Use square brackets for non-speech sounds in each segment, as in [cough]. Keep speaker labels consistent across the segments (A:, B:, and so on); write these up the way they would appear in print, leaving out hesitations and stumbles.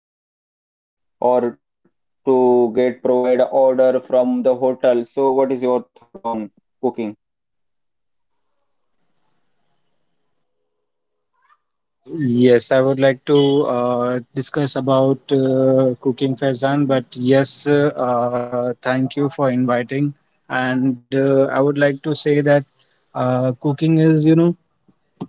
A: More cooking or to get provide a order from the hotel. So what is your thought on cooking?
B: Yes, I would like to discuss about cooking, Faizan, but yes, thank you for inviting. And I would like to say that cooking is, you know,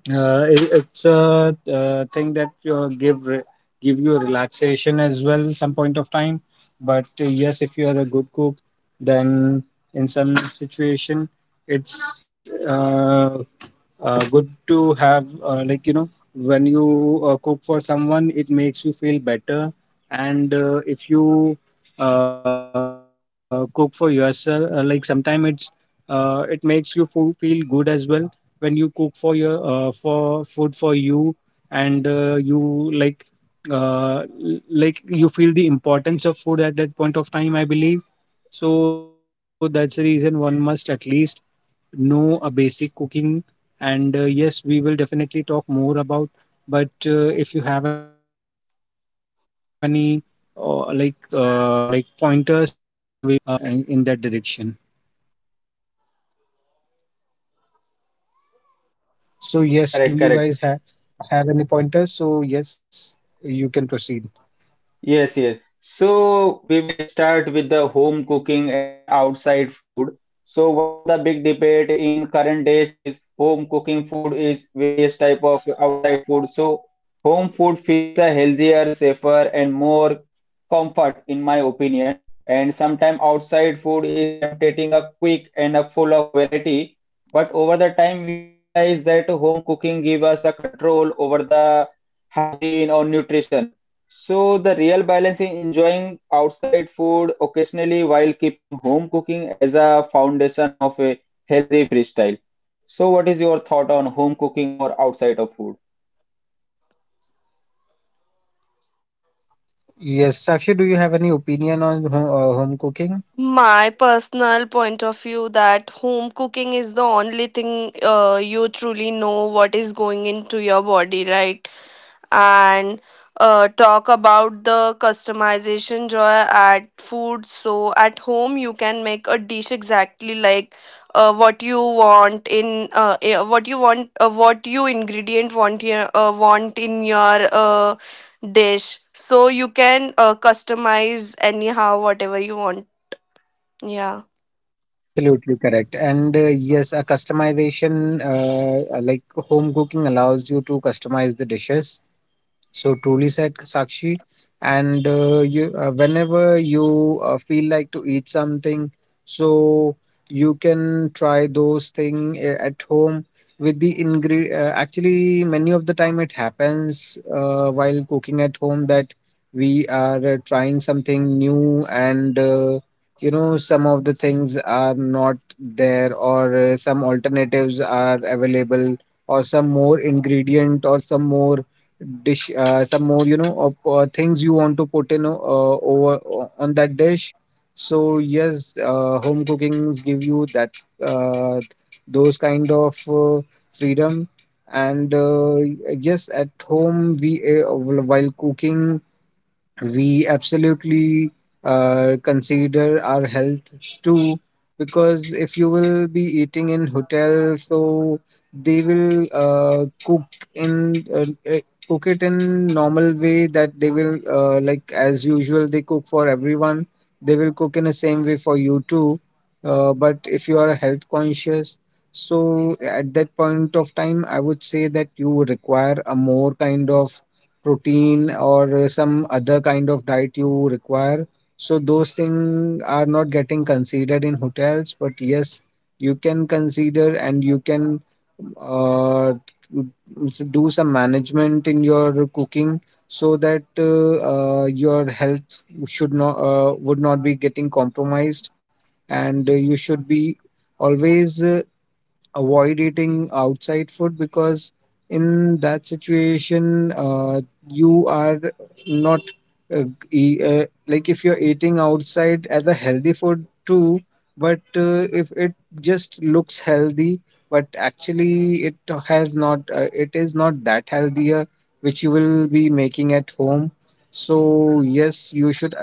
B: uh, it, it's a thing that give you relaxation as well some point of time. But yes, if you are a good cook, then in some situation, it's uh, good to have, like, you know, when you cook for someone, it makes you feel better, and if you cook for yourself, like, sometimes it makes you feel good as well when you cook for your, for food for you, and you like, like, you feel the importance of food at that point of time, I believe. So that's the reason one must at least know a basic cooking. And yes, we will definitely talk more about. But if you have any, like, pointers, so we will be flowing in the in that direction. So yes, do
A: Correct,
B: you guys
A: correct.
B: have any pointers? So yes, you can proceed.
A: Yes, yes. So we will start with the home cooking and outside food. So one of the big debate in current days is home cooking food is various type of outside food. So home food feels healthier, safer, and more comfort in my opinion. And sometimes outside food is tempting a quick and a full of variety. But over the time we realize that home cooking give us a control over the hygiene or nutrition, so the real balance is enjoying outside food occasionally while keeping home cooking as a foundation of a healthy lifestyle. So what is your thought on home cooking or outside of food?
B: Yes, Sakshi, do you have any opinion on home, home cooking?
C: My personal point of view that home cooking is the only thing, you truly know what is going into your body, right? and Talk about the customization joy at food. So at home you can make a dish exactly like what you want in what you want, what you ingredient want here, want in your dish. So you can customize anyhow whatever you want. Yeah.
B: Absolutely correct. And yes, a customization, like, home cooking allows you to customize the dishes. So truly said, Sakshi. And whenever you feel like to eat something, so you can try those thing at home with the ingre. Actually, many of the time it happens while cooking at home that we are trying something new, and you know, some of the things are not there, or some alternatives are available, or some more ingredient, or some more dish, some more, you know, of, things you want to put in, on that dish. So yes, home cookings give you that uh, those kind of freedom. And yes, at home we, while cooking, we absolutely consider our health too, because if you will be eating in hotel, so they will in uh, uh, cook it in normal way, that they will, like, as usual they cook for everyone, they will cook in the same way for you too. But if you are health conscious, so at that point of time I would say that you require a more kind of protein or some other kind of diet you require. So those things are not getting considered in hotels, but yes, you can consider and you can uh, do some management in your cooking so that your health should not would not be getting compromised, and you should be always avoid eating outside food, because in that situation, you are not uh, g- like, if you're eating outside as a healthy food too, but if it just looks healthy but actually it has not it is not that healthier which you will be making at home. So yes, you should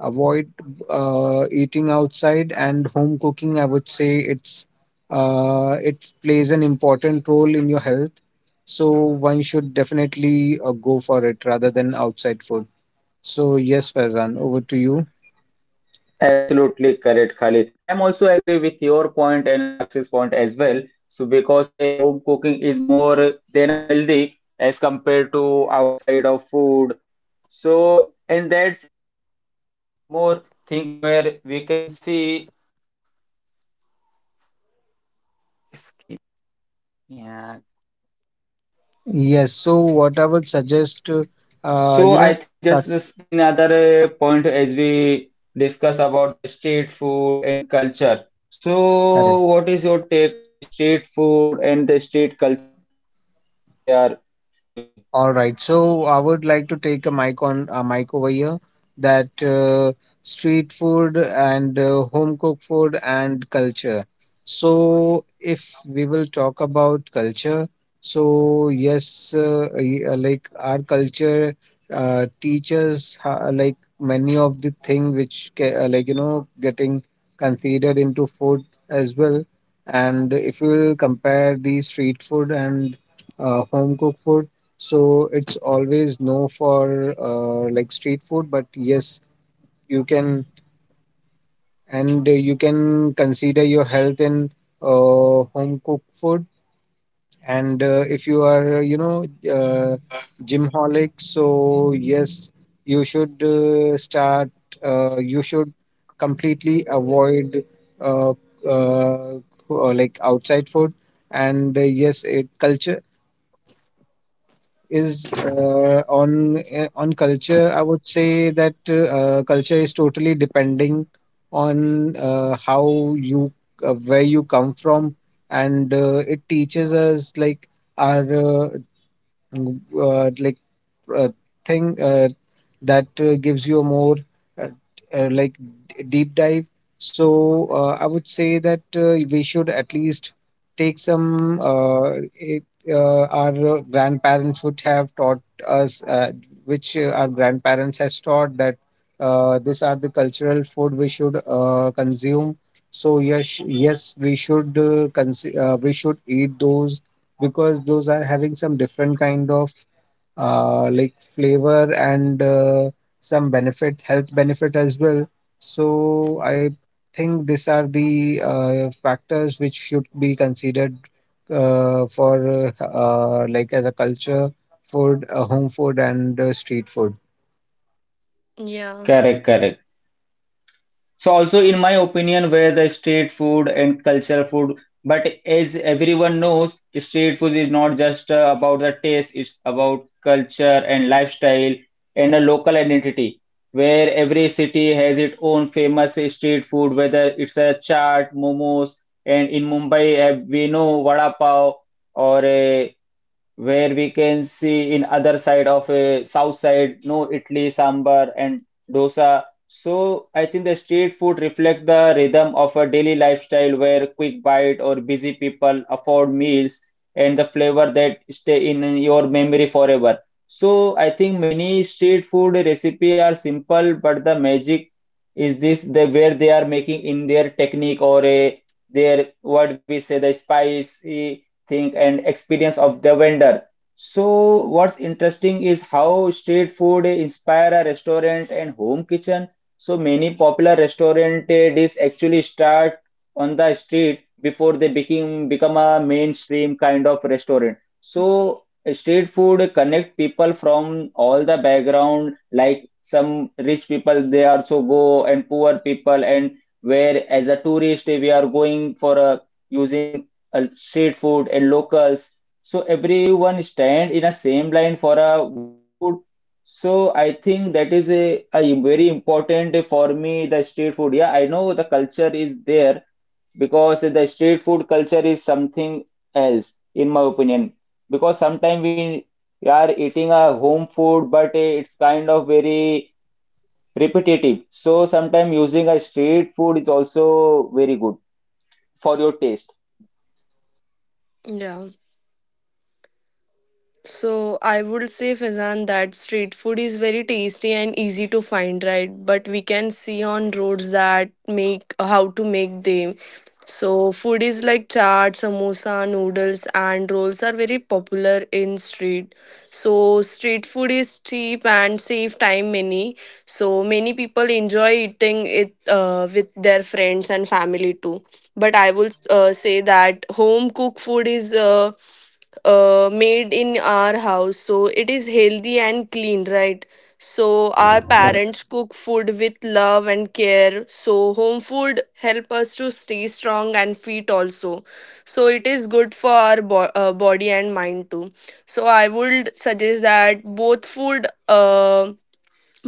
B: avoid eating outside, and home cooking, I would say, it plays an important role in your health. So one should definitely go for it rather than outside food. So yes, Faizan, over to you.
A: Absolutely correct, Khalid. I'm also agree with your point and Saksh's point as well. So because a home cooking is more than a healthy as compared to outside of food. So in that
B: Yes, so what I would suggest, you know, that's correct. All right. So I would like to take a mic on a mic over here, that street food and home cooked food and culture. So if we will talk about culture, so yes, like, our culture like, many of the thing which like, you know, getting considered into food as well. And if we will compare the street food and home cooked food, so it's always no for like street food, but yes, you can, and you can consider your health in uh, home cooked food. And if you are, you know, uh, gym holic, so yes, you should start. You should completely avoid uh, uh, co- like, outside food. And yes, it culture is, on culture, I would say that culture is totally depending on, how you, where you come from, and it teaches us like our uh, uh, like uh, thing. That gives you a more uh, uh, like deep dive. So I would say that we should at least take some. It, our grandparents would have taught us, which our grandparents has taught, that these are the cultural food we should consume. So yes, yes, we should we should eat those, because those are having some different kind of like flavor, and some benefit, health benefit as well. So I think these are the factors which should be considered for like, as a culture, food, home food, and street food.
C: Yeah,
A: correct, correct. So also in my opinion, where the street food and culture food, but as everyone knows, street food is not just about the taste, it's about culture and lifestyle and a local identity, where every city has its own famous street food, whether it's a chaat, momos, and in Mumbai, we know vada pav or a where we can see in other side of south side no idli sambar and dosa. So I think the street food reflect the rhythm of a daily lifestyle where quick bite or busy people afford meals and the flavor that stay in your memory forever. So I think many street food recipe are simple but the magic is this the where they are making in their technique or a their what we say the spice think and experience of the vendor. So what's interesting is how street food inspire a restaurant and home kitchen. So many popular restaurant dish actually start on the street before they became become a mainstream kind of restaurant. So street food connect people from all the background like some rich people they also go and poor people and where as a tourist we are going for a using street food and locals. So everyone stand in a same line for a good food. So I think that is a very important for me, the street food. Yeah, I know the culture is there because the street food culture is something else, in my opinion. Because sometimes we are eating a home food, but it's kind of very repetitive. So sometimes using a street food is also very good for your taste.
C: yeah. So I would say, Fazan, that street food is very tasty and easy to find, right? But we can see on roads that make how to make them. So food is like chaat, samosa, noodles, and rolls are very popular in street. So street food is cheap and save time many. So many people enjoy eating it, with their friends and family too. But I will say that home cooked food is made in our house, so it is healthy and clean, right? So our parents cook food with love and care, so home food help us to stay strong and fit also. So it is good for our body and mind too. So I would suggest that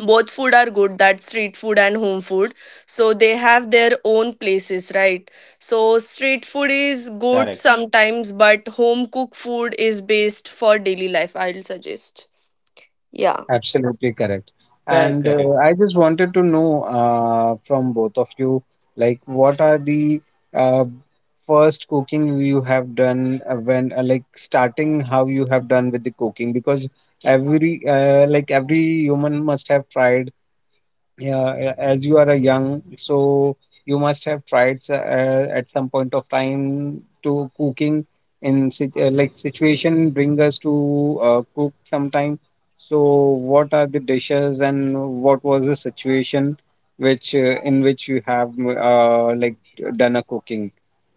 C: both food are good, that street food and home food. So they have their own places, right? So street food is
A: Correct.
C: good sometimes, but home cooked food is best for daily life, I'll suggest. Yeah.
B: Absolutely correct.
A: Correct,
B: And
A: correct.
B: I just wanted to know from both of you, like, what are the uh, first cooking you have done, when, like, starting how you have done with the cooking? Because every, like, every human must have tried, yeah, as you are a young, so you must have tried, at some point of time, to cooking, like, situation bring us to cook sometime. So what are the dishes and what was the situation which, in which you have uh, like done a cooking?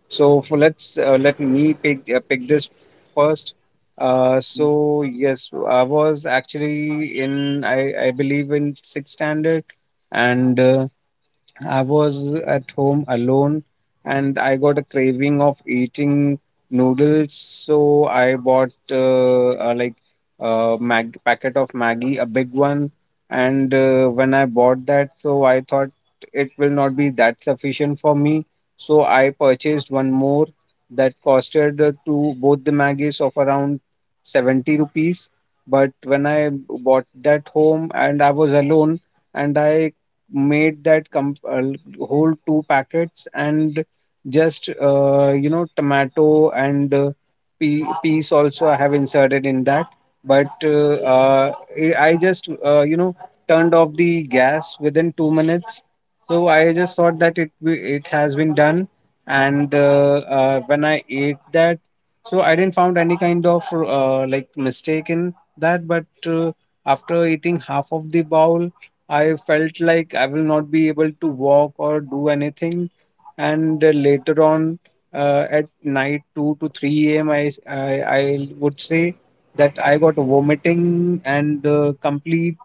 B: So for let's, let me pick this first. So yes, I was actually in, I believe, in sixth standard, and I was at home alone, and I got a craving of eating noodles, so I bought, like, a mag packet of Maggi, a big one. And when I bought that, so I thought it will not be that sufficient for me. So I purchased one more, that costed, two both the Maggis, of around 70 rupees. But when I bought that home, and I was alone, and I made that whole two packets, and just, you know, tomato and peas also I have inserted in that. But uh, uh, I I just, you know, turned off the gas within 2 minutes. So I just thought that it has been done. And when I ate that, so I didn't found any kind of like, mistake in that. But after eating half of the bowl, I felt like I will not be able to walk or do anything. And later on, at night 2 to 3 a.m., I would say that I got vomiting, and complete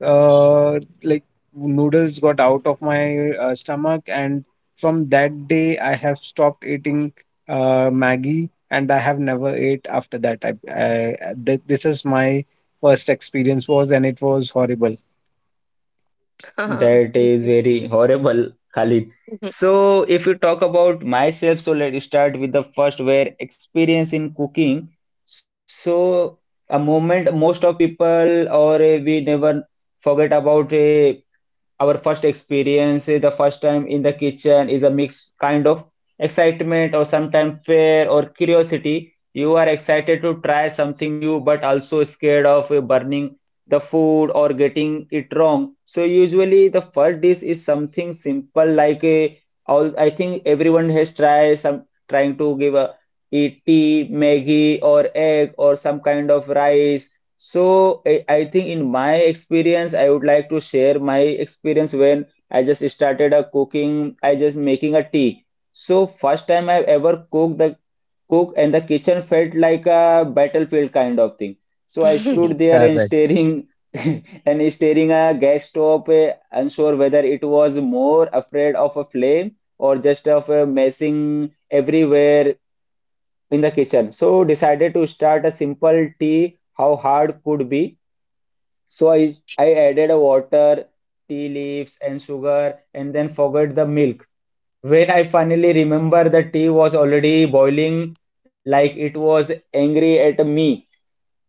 B: like, noodles got out of my stomach. And from that day, I have stopped eating Maggie, and I have never ate after that. This is my first experience was, and it was horrible.
A: That
C: [laughs]
A: is
C: yes.
A: very horrible, Khalid. So, if you talk about myself, so let's start with the first where experience in cooking. So a moment most of people or we never forget about our first experience, the first time in the kitchen, is a mixed kind of excitement or sometimes fear or curiosity. You are excited to try something new, but also scared of burning the food or getting it wrong. So usually the first dish is something simple like a all I think everyone has tried some trying to give a eat tea, Maggie or egg or some kind of rice. So I think in my experience, I would like to share my experience when I just started a cooking, I just making a tea. So first time I've ever cooked the cook and the kitchen felt like a battlefield kind of thing. So I stood there
B: Correct.
A: and staring [laughs] and staring a gas stove, unsure whether it was more afraid of a flame or just of a messing everywhere in the kitchen. So decided to start a simple tea, how hard could be. So I added a water, tea leaves and sugar and then forgot the milk. When I finally remember the tea was already boiling like it was angry at me,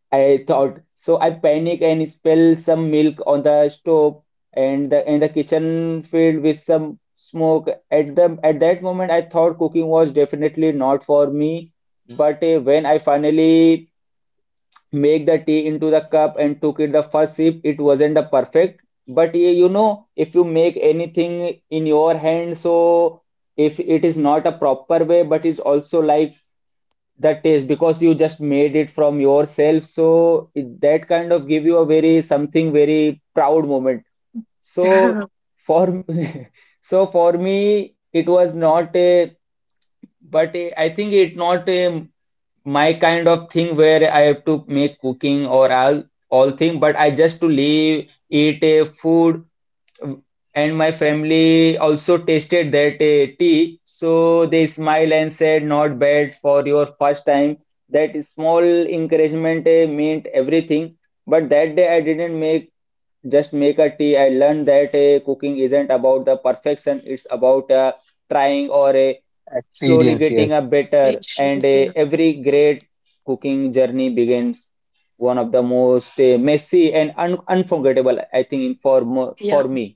A: I thought. So I panic and spill some milk on the stove and the kitchen filled with some smoke. At that moment I thought cooking was definitely not for me. But when I finally make the tea into the cup and took it the first sip it wasn't the perfect, but you know if you make anything in your hand, so if it is not a proper way but it's also like the taste because you just made it from yourself, so it, that kind of give you a very something very proud moment. So
C: [laughs]
A: for [laughs] so for me it was not a, but I think it not a my kind of thing where I have to make cooking or all thing, but I just to leave, eat a food, and my family also tasted that tea, so they smile and said, "Not bad for your first time." That small encouragement meant everything. But that day I didn't make just make a tea. I learned that cooking isn't about the perfection, it's about trying or
B: Experience,
A: slowly
B: yes.
A: getting a better. And
C: patience, yeah.
A: every great cooking journey begins one of the most messy and un unforgettable, I think, for
C: Yeah.
A: for me.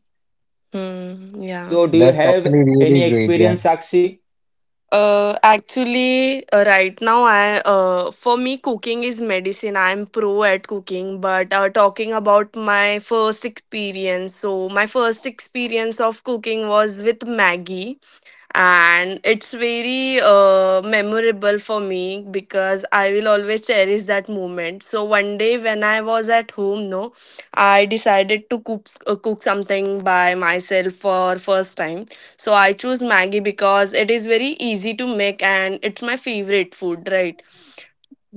C: Hmm, yeah.
A: So, do you
B: That's
A: have
B: actually really
A: any
B: great. Yeah.
A: experience, Sakshi?
C: Actually, right now, I for me, cooking is medicine. I'm pro at cooking, but talking about my first experience, so my first experience of cooking was with Maggie, and it's very memorable for me because I will always cherish that moment. So one day when I was at home, no, I decided to cook something by myself for first time. So I choose Maggie because it is very easy to make and it's my favorite food, right?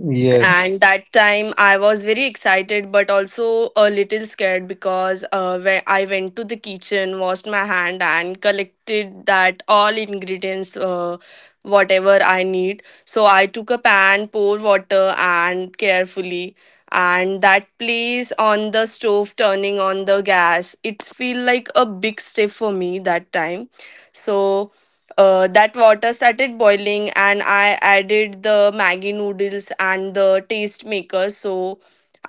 B: Yes.
C: And that time I was very excited but also a little scared because when I went to the kitchen, washed my hand and collected that all ingredients, whatever I need. So I took a pan, pour water and carefully and that place on the stove, turning on the gas, it feel like a big step for me that time. So that water started boiling, and I added the Maggi noodles and the taste maker. So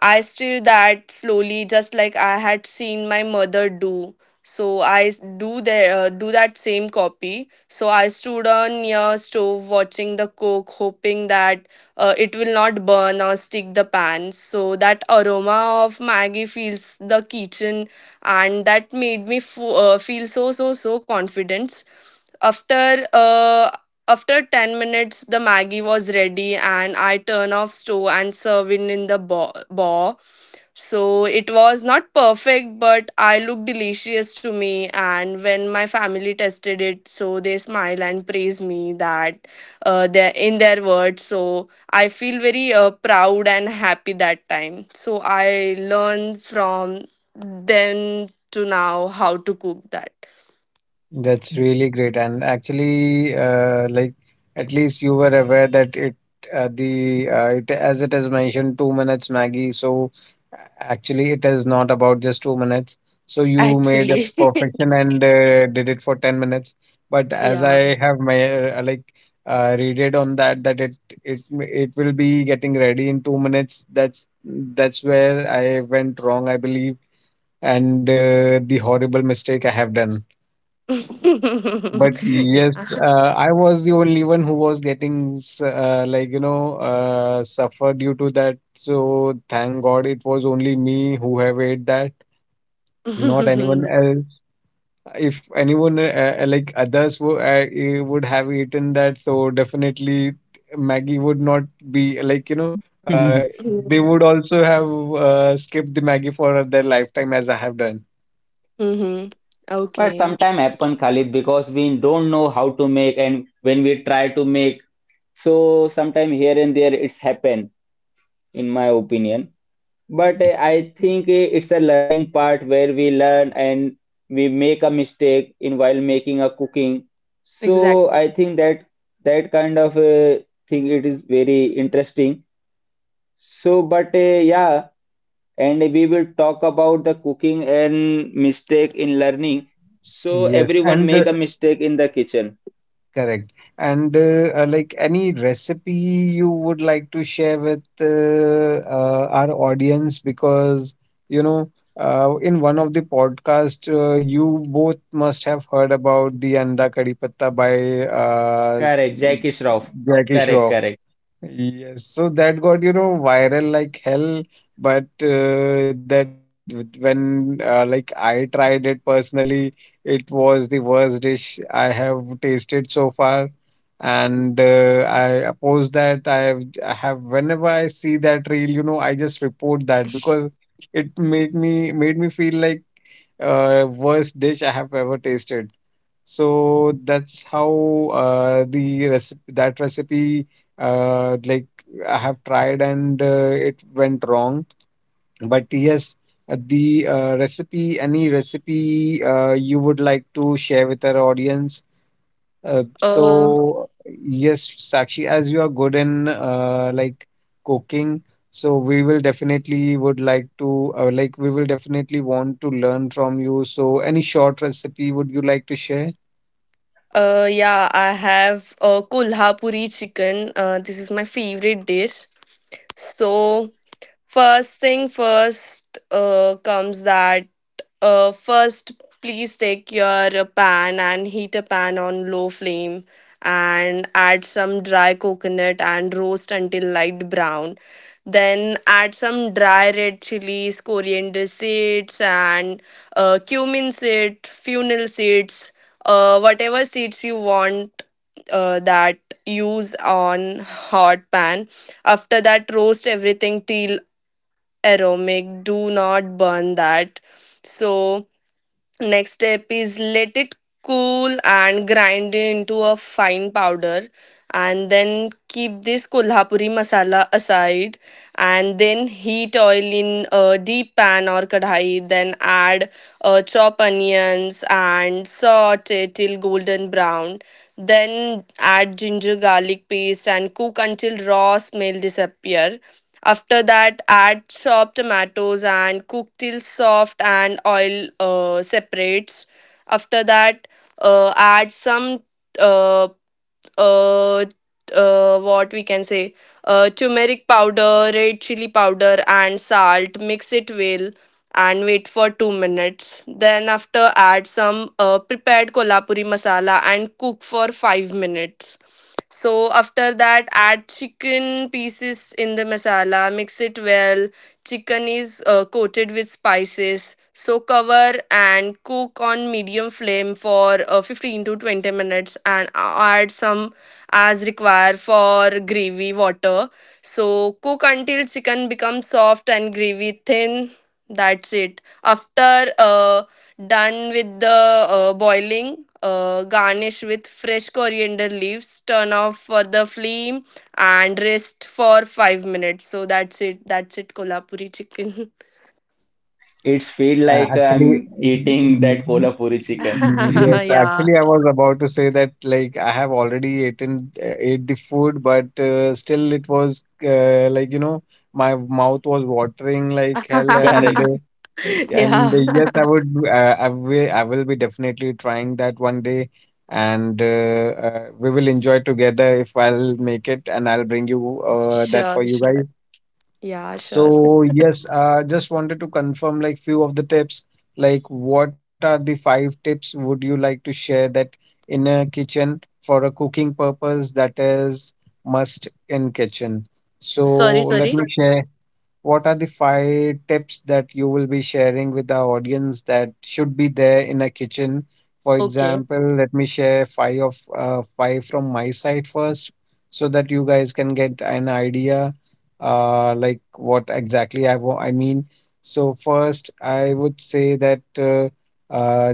C: I stirred that slowly, just like I had seen my mother do. So do the do that same copy. So I stood on near stove watching the coke, hoping that it will not burn or stick the pan. So that aroma of Maggi fills the kitchen, and that made me feel so so so confident. After uh, After 10 minutes, the Maggie was ready, and I turn off stove and serve in the bowl. So it was not perfect, but I looked delicious to me. And when my family tested it, so they smile and praise me that they in their words. So I feel very proud and happy that time. So I learned from then to now how to cook that.
B: That's really great. And actually, like, at least you were aware that it, as it is mentioned, 2 minutes Maggie. So, a- actually, it is not about just 2 minutes. So you made
C: Actually.
B: a perfection and did it for 10 minutes. But
C: [laughs]
B: as
C: Yeah.
B: I have my like, read it on that, that it will be getting ready in 2 minutes. That's where I went wrong, I believe, and the horrible mistake I have done. But
C: [laughs] yeah. [laughs]
B: yes, I was the only one who was getting, like, you know, suffer due to that. So thank God it was only me who have ate that, not anyone else. If anyone, like, others would have eaten that, so definitely Maggie would not be, like, you know, uh,
A: [laughs]
B: they
C: Mm-hmm.
B: would also have skipped the Maggie for their lifetime as I have done.
C: Hmm.
A: But
C: Okay.
A: sometimes happen, Khalid, because we don't know how to make, and when we try to make, so sometime here and there it's happen, in my opinion. But I think it's a learning part where we learn and we make a mistake in while making a cooking. So
C: Exactly.
A: I think that that kind of thing it is very interesting. So, but yeah, and we will talk about the cooking and mistake in learning. So
B: Yes,
A: everyone
B: and
A: make a mistake in the kitchen.
B: correct. And like, any recipe you would like to share with our audience, because you know, in one of the podcast, you both must have heard about the anda kari patta by uh,
A: Correct, Jackie Shroff.
B: Jackie
A: Correct,
B: Shroff.
A: correct.
B: Yes, so that got, you know, viral like hell. But when, like, I tried it personally, it was the worst dish I have tasted so far. And I oppose that. I have, whenever I see that reel, you know, I just report that, because it made me feel like worst dish I have ever tasted. So that's how the recipe that recipe, like, I have tried and it went wrong. But yes, the recipe, any recipe you would like to share with our audience? Uh,
C: Uh
B: so yes, Sakshi, as you are good in cooking, so we will definitely would like to like we will definitely want to learn from you. So any short recipe would you like to share?
C: yeah, I have kulhapuri chicken. This is my favorite dish. So first thing first comes that. First, please take your pan and heat a pan on low flame and add some dry coconut and roast until light brown. Then add some dry red chilies, coriander seeds, and cumin seed, fennel seeds, whatever seeds you want, that use on hot pan. After that, roast everything till aromatic. Do not burn that. So next step is let it cool and grind it into a fine powder, and then keep this kolhapuri masala aside. And then heat oil in a deep pan or kadhai, then add chop onions and saute till golden brown. Then add ginger garlic paste and cook until raw smell disappear. After that, add chopped tomatoes and cook till soft and oil separates. After that, add some uh, uh, what we can say, turmeric powder, red chili powder and salt, mix it well and wait for 2 minutes. Then after, add some prepared kolhapuri masala and cook for 5 minutes. So after that, add chicken pieces in the masala, mix it well. Chicken is coated with spices. So cover and cook on medium flame for 15 to 20 minutes, and add some as required for gravy water. So cook until chicken becomes soft and gravy thin. That's it. After done with the boiling, garnish with fresh coriander leaves. Turn off for the flame and rest for 5 minutes. So that's it, kolhapuri chicken.
A: It's feel
B: Uh,
A: like
B: actually,
A: I'm eating that
B: mm,
A: kolhapuri chicken.
B: yes,
A: [laughs]
C: [laughs] yeah.
B: actually, I was about to say that like I have already eaten ate the food, but still it was my mouth was watering like hell,
A: Correct.
B: and uh,
C: [laughs]
B: and uh,
C: yeah.
B: yes, I will be definitely trying that one day, and we will enjoy together if I'll make it, and I'll bring you
C: [laughs]
B: that
C: sure,
B: for you
C: sure.
B: guys.
C: Yeah, sure.
B: So yes, just wanted to confirm like few of the tips. Like what are the five tips would you like to share that in a kitchen for a cooking purpose that is must in kitchen?
C: Sorry,
B: So let me
C: sorry.
B: share what are the five tips that you will be sharing with the audience that should be there in a kitchen? For
C: Okay.
B: example, let me share five from my side first, so that you guys can get an idea, like what exactly I mean. So first, I would say that uh,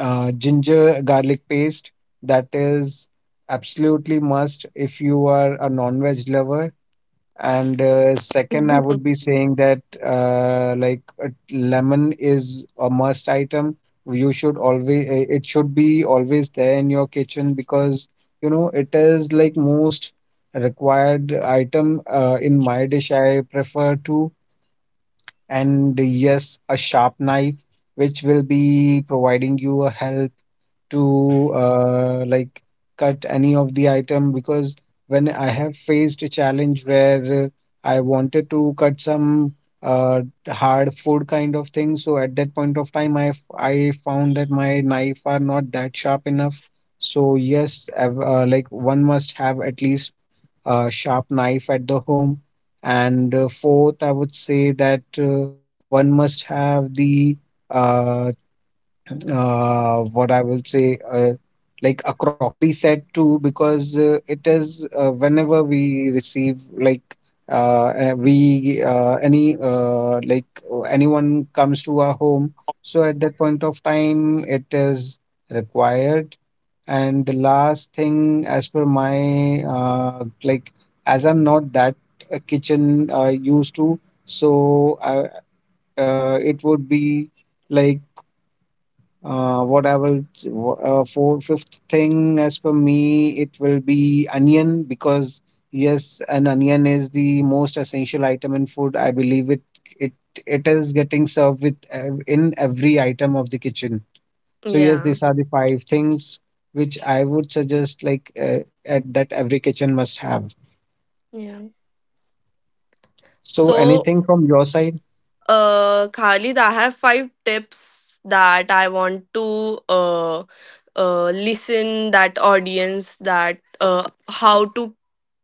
B: ginger garlic paste that is absolutely must if you are a non-veg lover and second, I would be
C: [laughs]
B: saying that lemon is a must item. You should always, it should be always there in your kitchen because you know it is like most required item in my dish. I prefer to, and yes, a sharp knife which will be providing you a help to cut any of the item because when I have faced a challenge where I wanted to cut some uh, hard food kind of thing, so at that point of time, I found that my knife are not that sharp enough. So yes, I've, one must have at least a sharp knife at the home. And fourth, I would say that one must have the uh, what I will say, like a crockery set too, because it is whenever we receive like uh, we any like anyone comes to our home, so at that point of time it is required. And the last thing, as per my, as I'm not that kitchen used to, so I, it would be like what I will wh- fourth, fifth thing as for me, it will be onion because yes, an onion is the most essential item in food. I believe it it is getting served with in every item of the kitchen. So yes,
C: yeah.
B: these are the five things which I would suggest like that every kitchen must have.
C: Yeah.
B: So
C: So
B: anything from your side?
C: Khalid, I have five tips that I want to listen that audience, that how to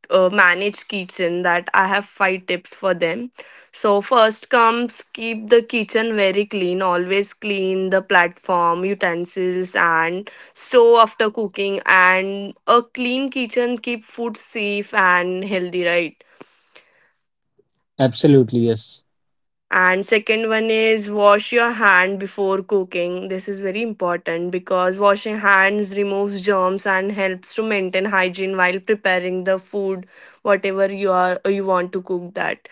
C: manage kitchen. That I have five tips for them. So first comes, keep the kitchen very clean. Always clean the platform, utensils, and stove after cooking. And a clean kitchen keep food safe and healthy, right?
B: Absolutely, yes.
C: And second one is wash your hand before cooking. This is very important because washing hands removes germs and helps to maintain hygiene while preparing the food, whatever you want to cook that.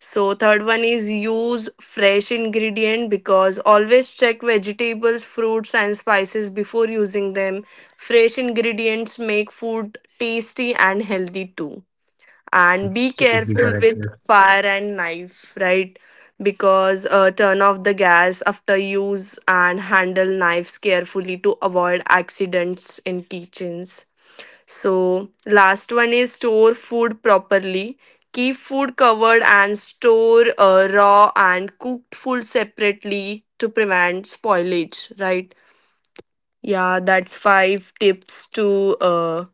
C: So third one is use fresh ingredient because always check vegetables, fruits and spices before using them. Fresh ingredients make food tasty and healthy too. And be
B: Absolutely
C: careful
B: correct.
C: with fire and knife, right? Because turn off the gas after use and handle knives carefully to avoid accidents in kitchens. So last one is store food properly. Keep food covered and store raw and cooked food separately to prevent spoilage, right? Yeah, that's five tips to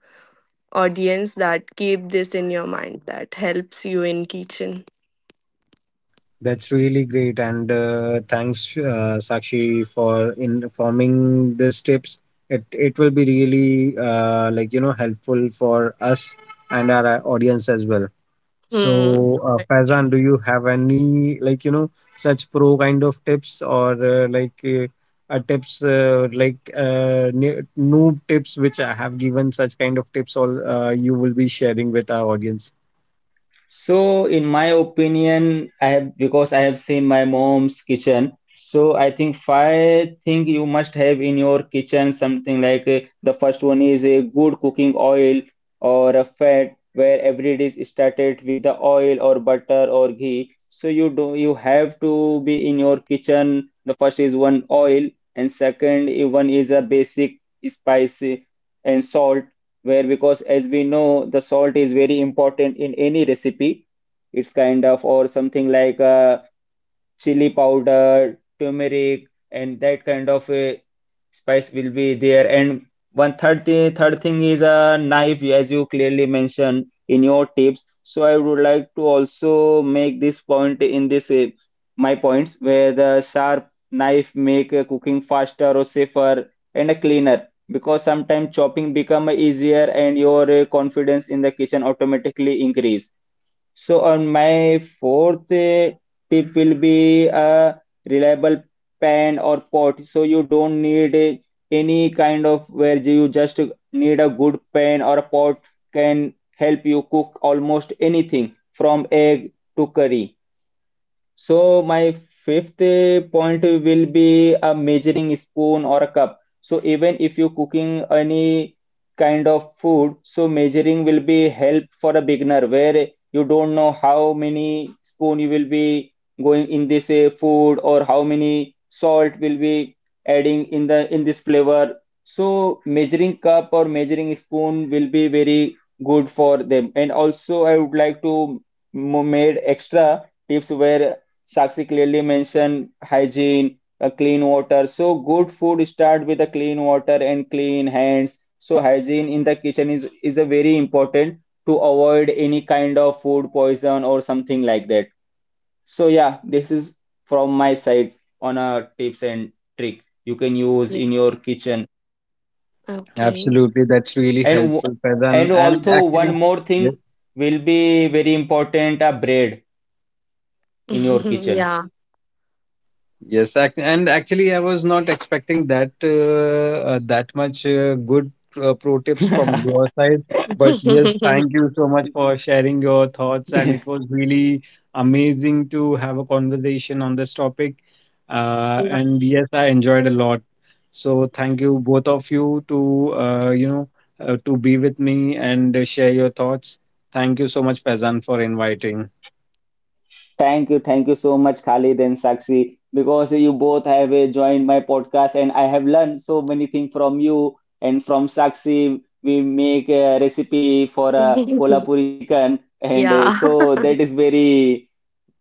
C: audience, that keep this in your mind, that helps you in kitchen.
B: That's really great, and thanks, Sakshi, for informing these tips. It will be really helpful for us and our audience as well.
C: Hmm.
B: So,
C: Right.
B: Faizan, do you have any such pro kind of tips or tips noob tips which I have given such kind of tips? All you will be sharing with our audience.
A: So, in my opinion, I have because I have seen my mom's kitchen. So, I think five thing you must have in your kitchen something like the first one is a good cooking oil or a fat where every dish is started with the oil or butter or ghee. So you do you have to be in your kitchen. The first is one oil and second one is a basic spicy and salt where because as we know the salt is very important in any recipe. It's kind of or something like chili powder, turmeric, and that kind of a spice will be there. And third thing is a knife, as you clearly mentioned in your tips. So I would like to also make this point in this my points where the sharp knife make cooking faster or safer and a cleaner because sometimes chopping become easier and your confidence in the kitchen automatically increase. So on my fourth tip will be a reliable pan or pot. So you don't need any kind of where you just need a good pan or a pot can help you cook almost anything from egg to curry. So my fifth point will be a measuring spoon or a cup. So even if you're cooking any kind of food, so measuring will be help for a beginner where you don't know how many spoon you will be going in this food or how many salt will be adding in the in this flavor. So measuring cup or measuring spoon will be very good for them. And also I would like to made extra tips where Sakshi clearly mentioned hygiene, clean water. So good food start with a clean water and clean hands. So hygiene in the kitchen is a very important to avoid any kind of food poison or something like that. So yeah, this is from my side on a tips and trick you can use
C: Yeah.
A: in your kitchen.
C: Okay.
B: Absolutely, that's really
A: And w-
B: helpful, Faizan.
A: and
B: And
A: also
B: actually,
A: one more
B: yes,
A: thing will be very important a bread in your
C: [laughs]
A: kitchen.
C: yeah.
B: yes, act- and actually, I was not expecting that that much good pro tips from your side. But yes,
C: [laughs]
B: thank you so much for sharing your thoughts, and it
A: [laughs]
B: was really amazing to have a conversation on this topic. Uh,
C: yeah.
B: and yes, I enjoyed a lot. So thank you both of you to to be with me and share your thoughts. Thank you so much, Faizan, for inviting.
A: Thank you so much, Khalid and Sakshi, because you both have joined my podcast and I have learned so many things from you and from Sakshi. We make a recipe for a
C: [laughs] yeah. [laughs]
A: Kolhapuri chicken, and so that is very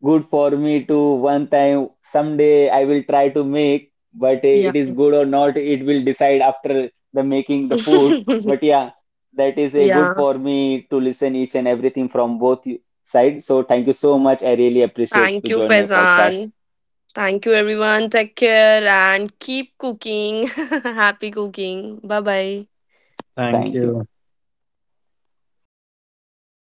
A: good for me to one time someday I will try to make, but
C: Yeah.
A: it is good or not, it will decide after the making the food.
C: [laughs]
A: But yeah, that is a good
C: yeah.
A: for me to listen each and everything from both you side. So thank you so much. I really appreciate
C: Thank
A: to
C: you,
A: join my podcast.
C: Faizan. Thank you, everyone. Take care and keep cooking. [laughs] Happy cooking. Bye bye.
B: Thank
A: Thank you.
B: you.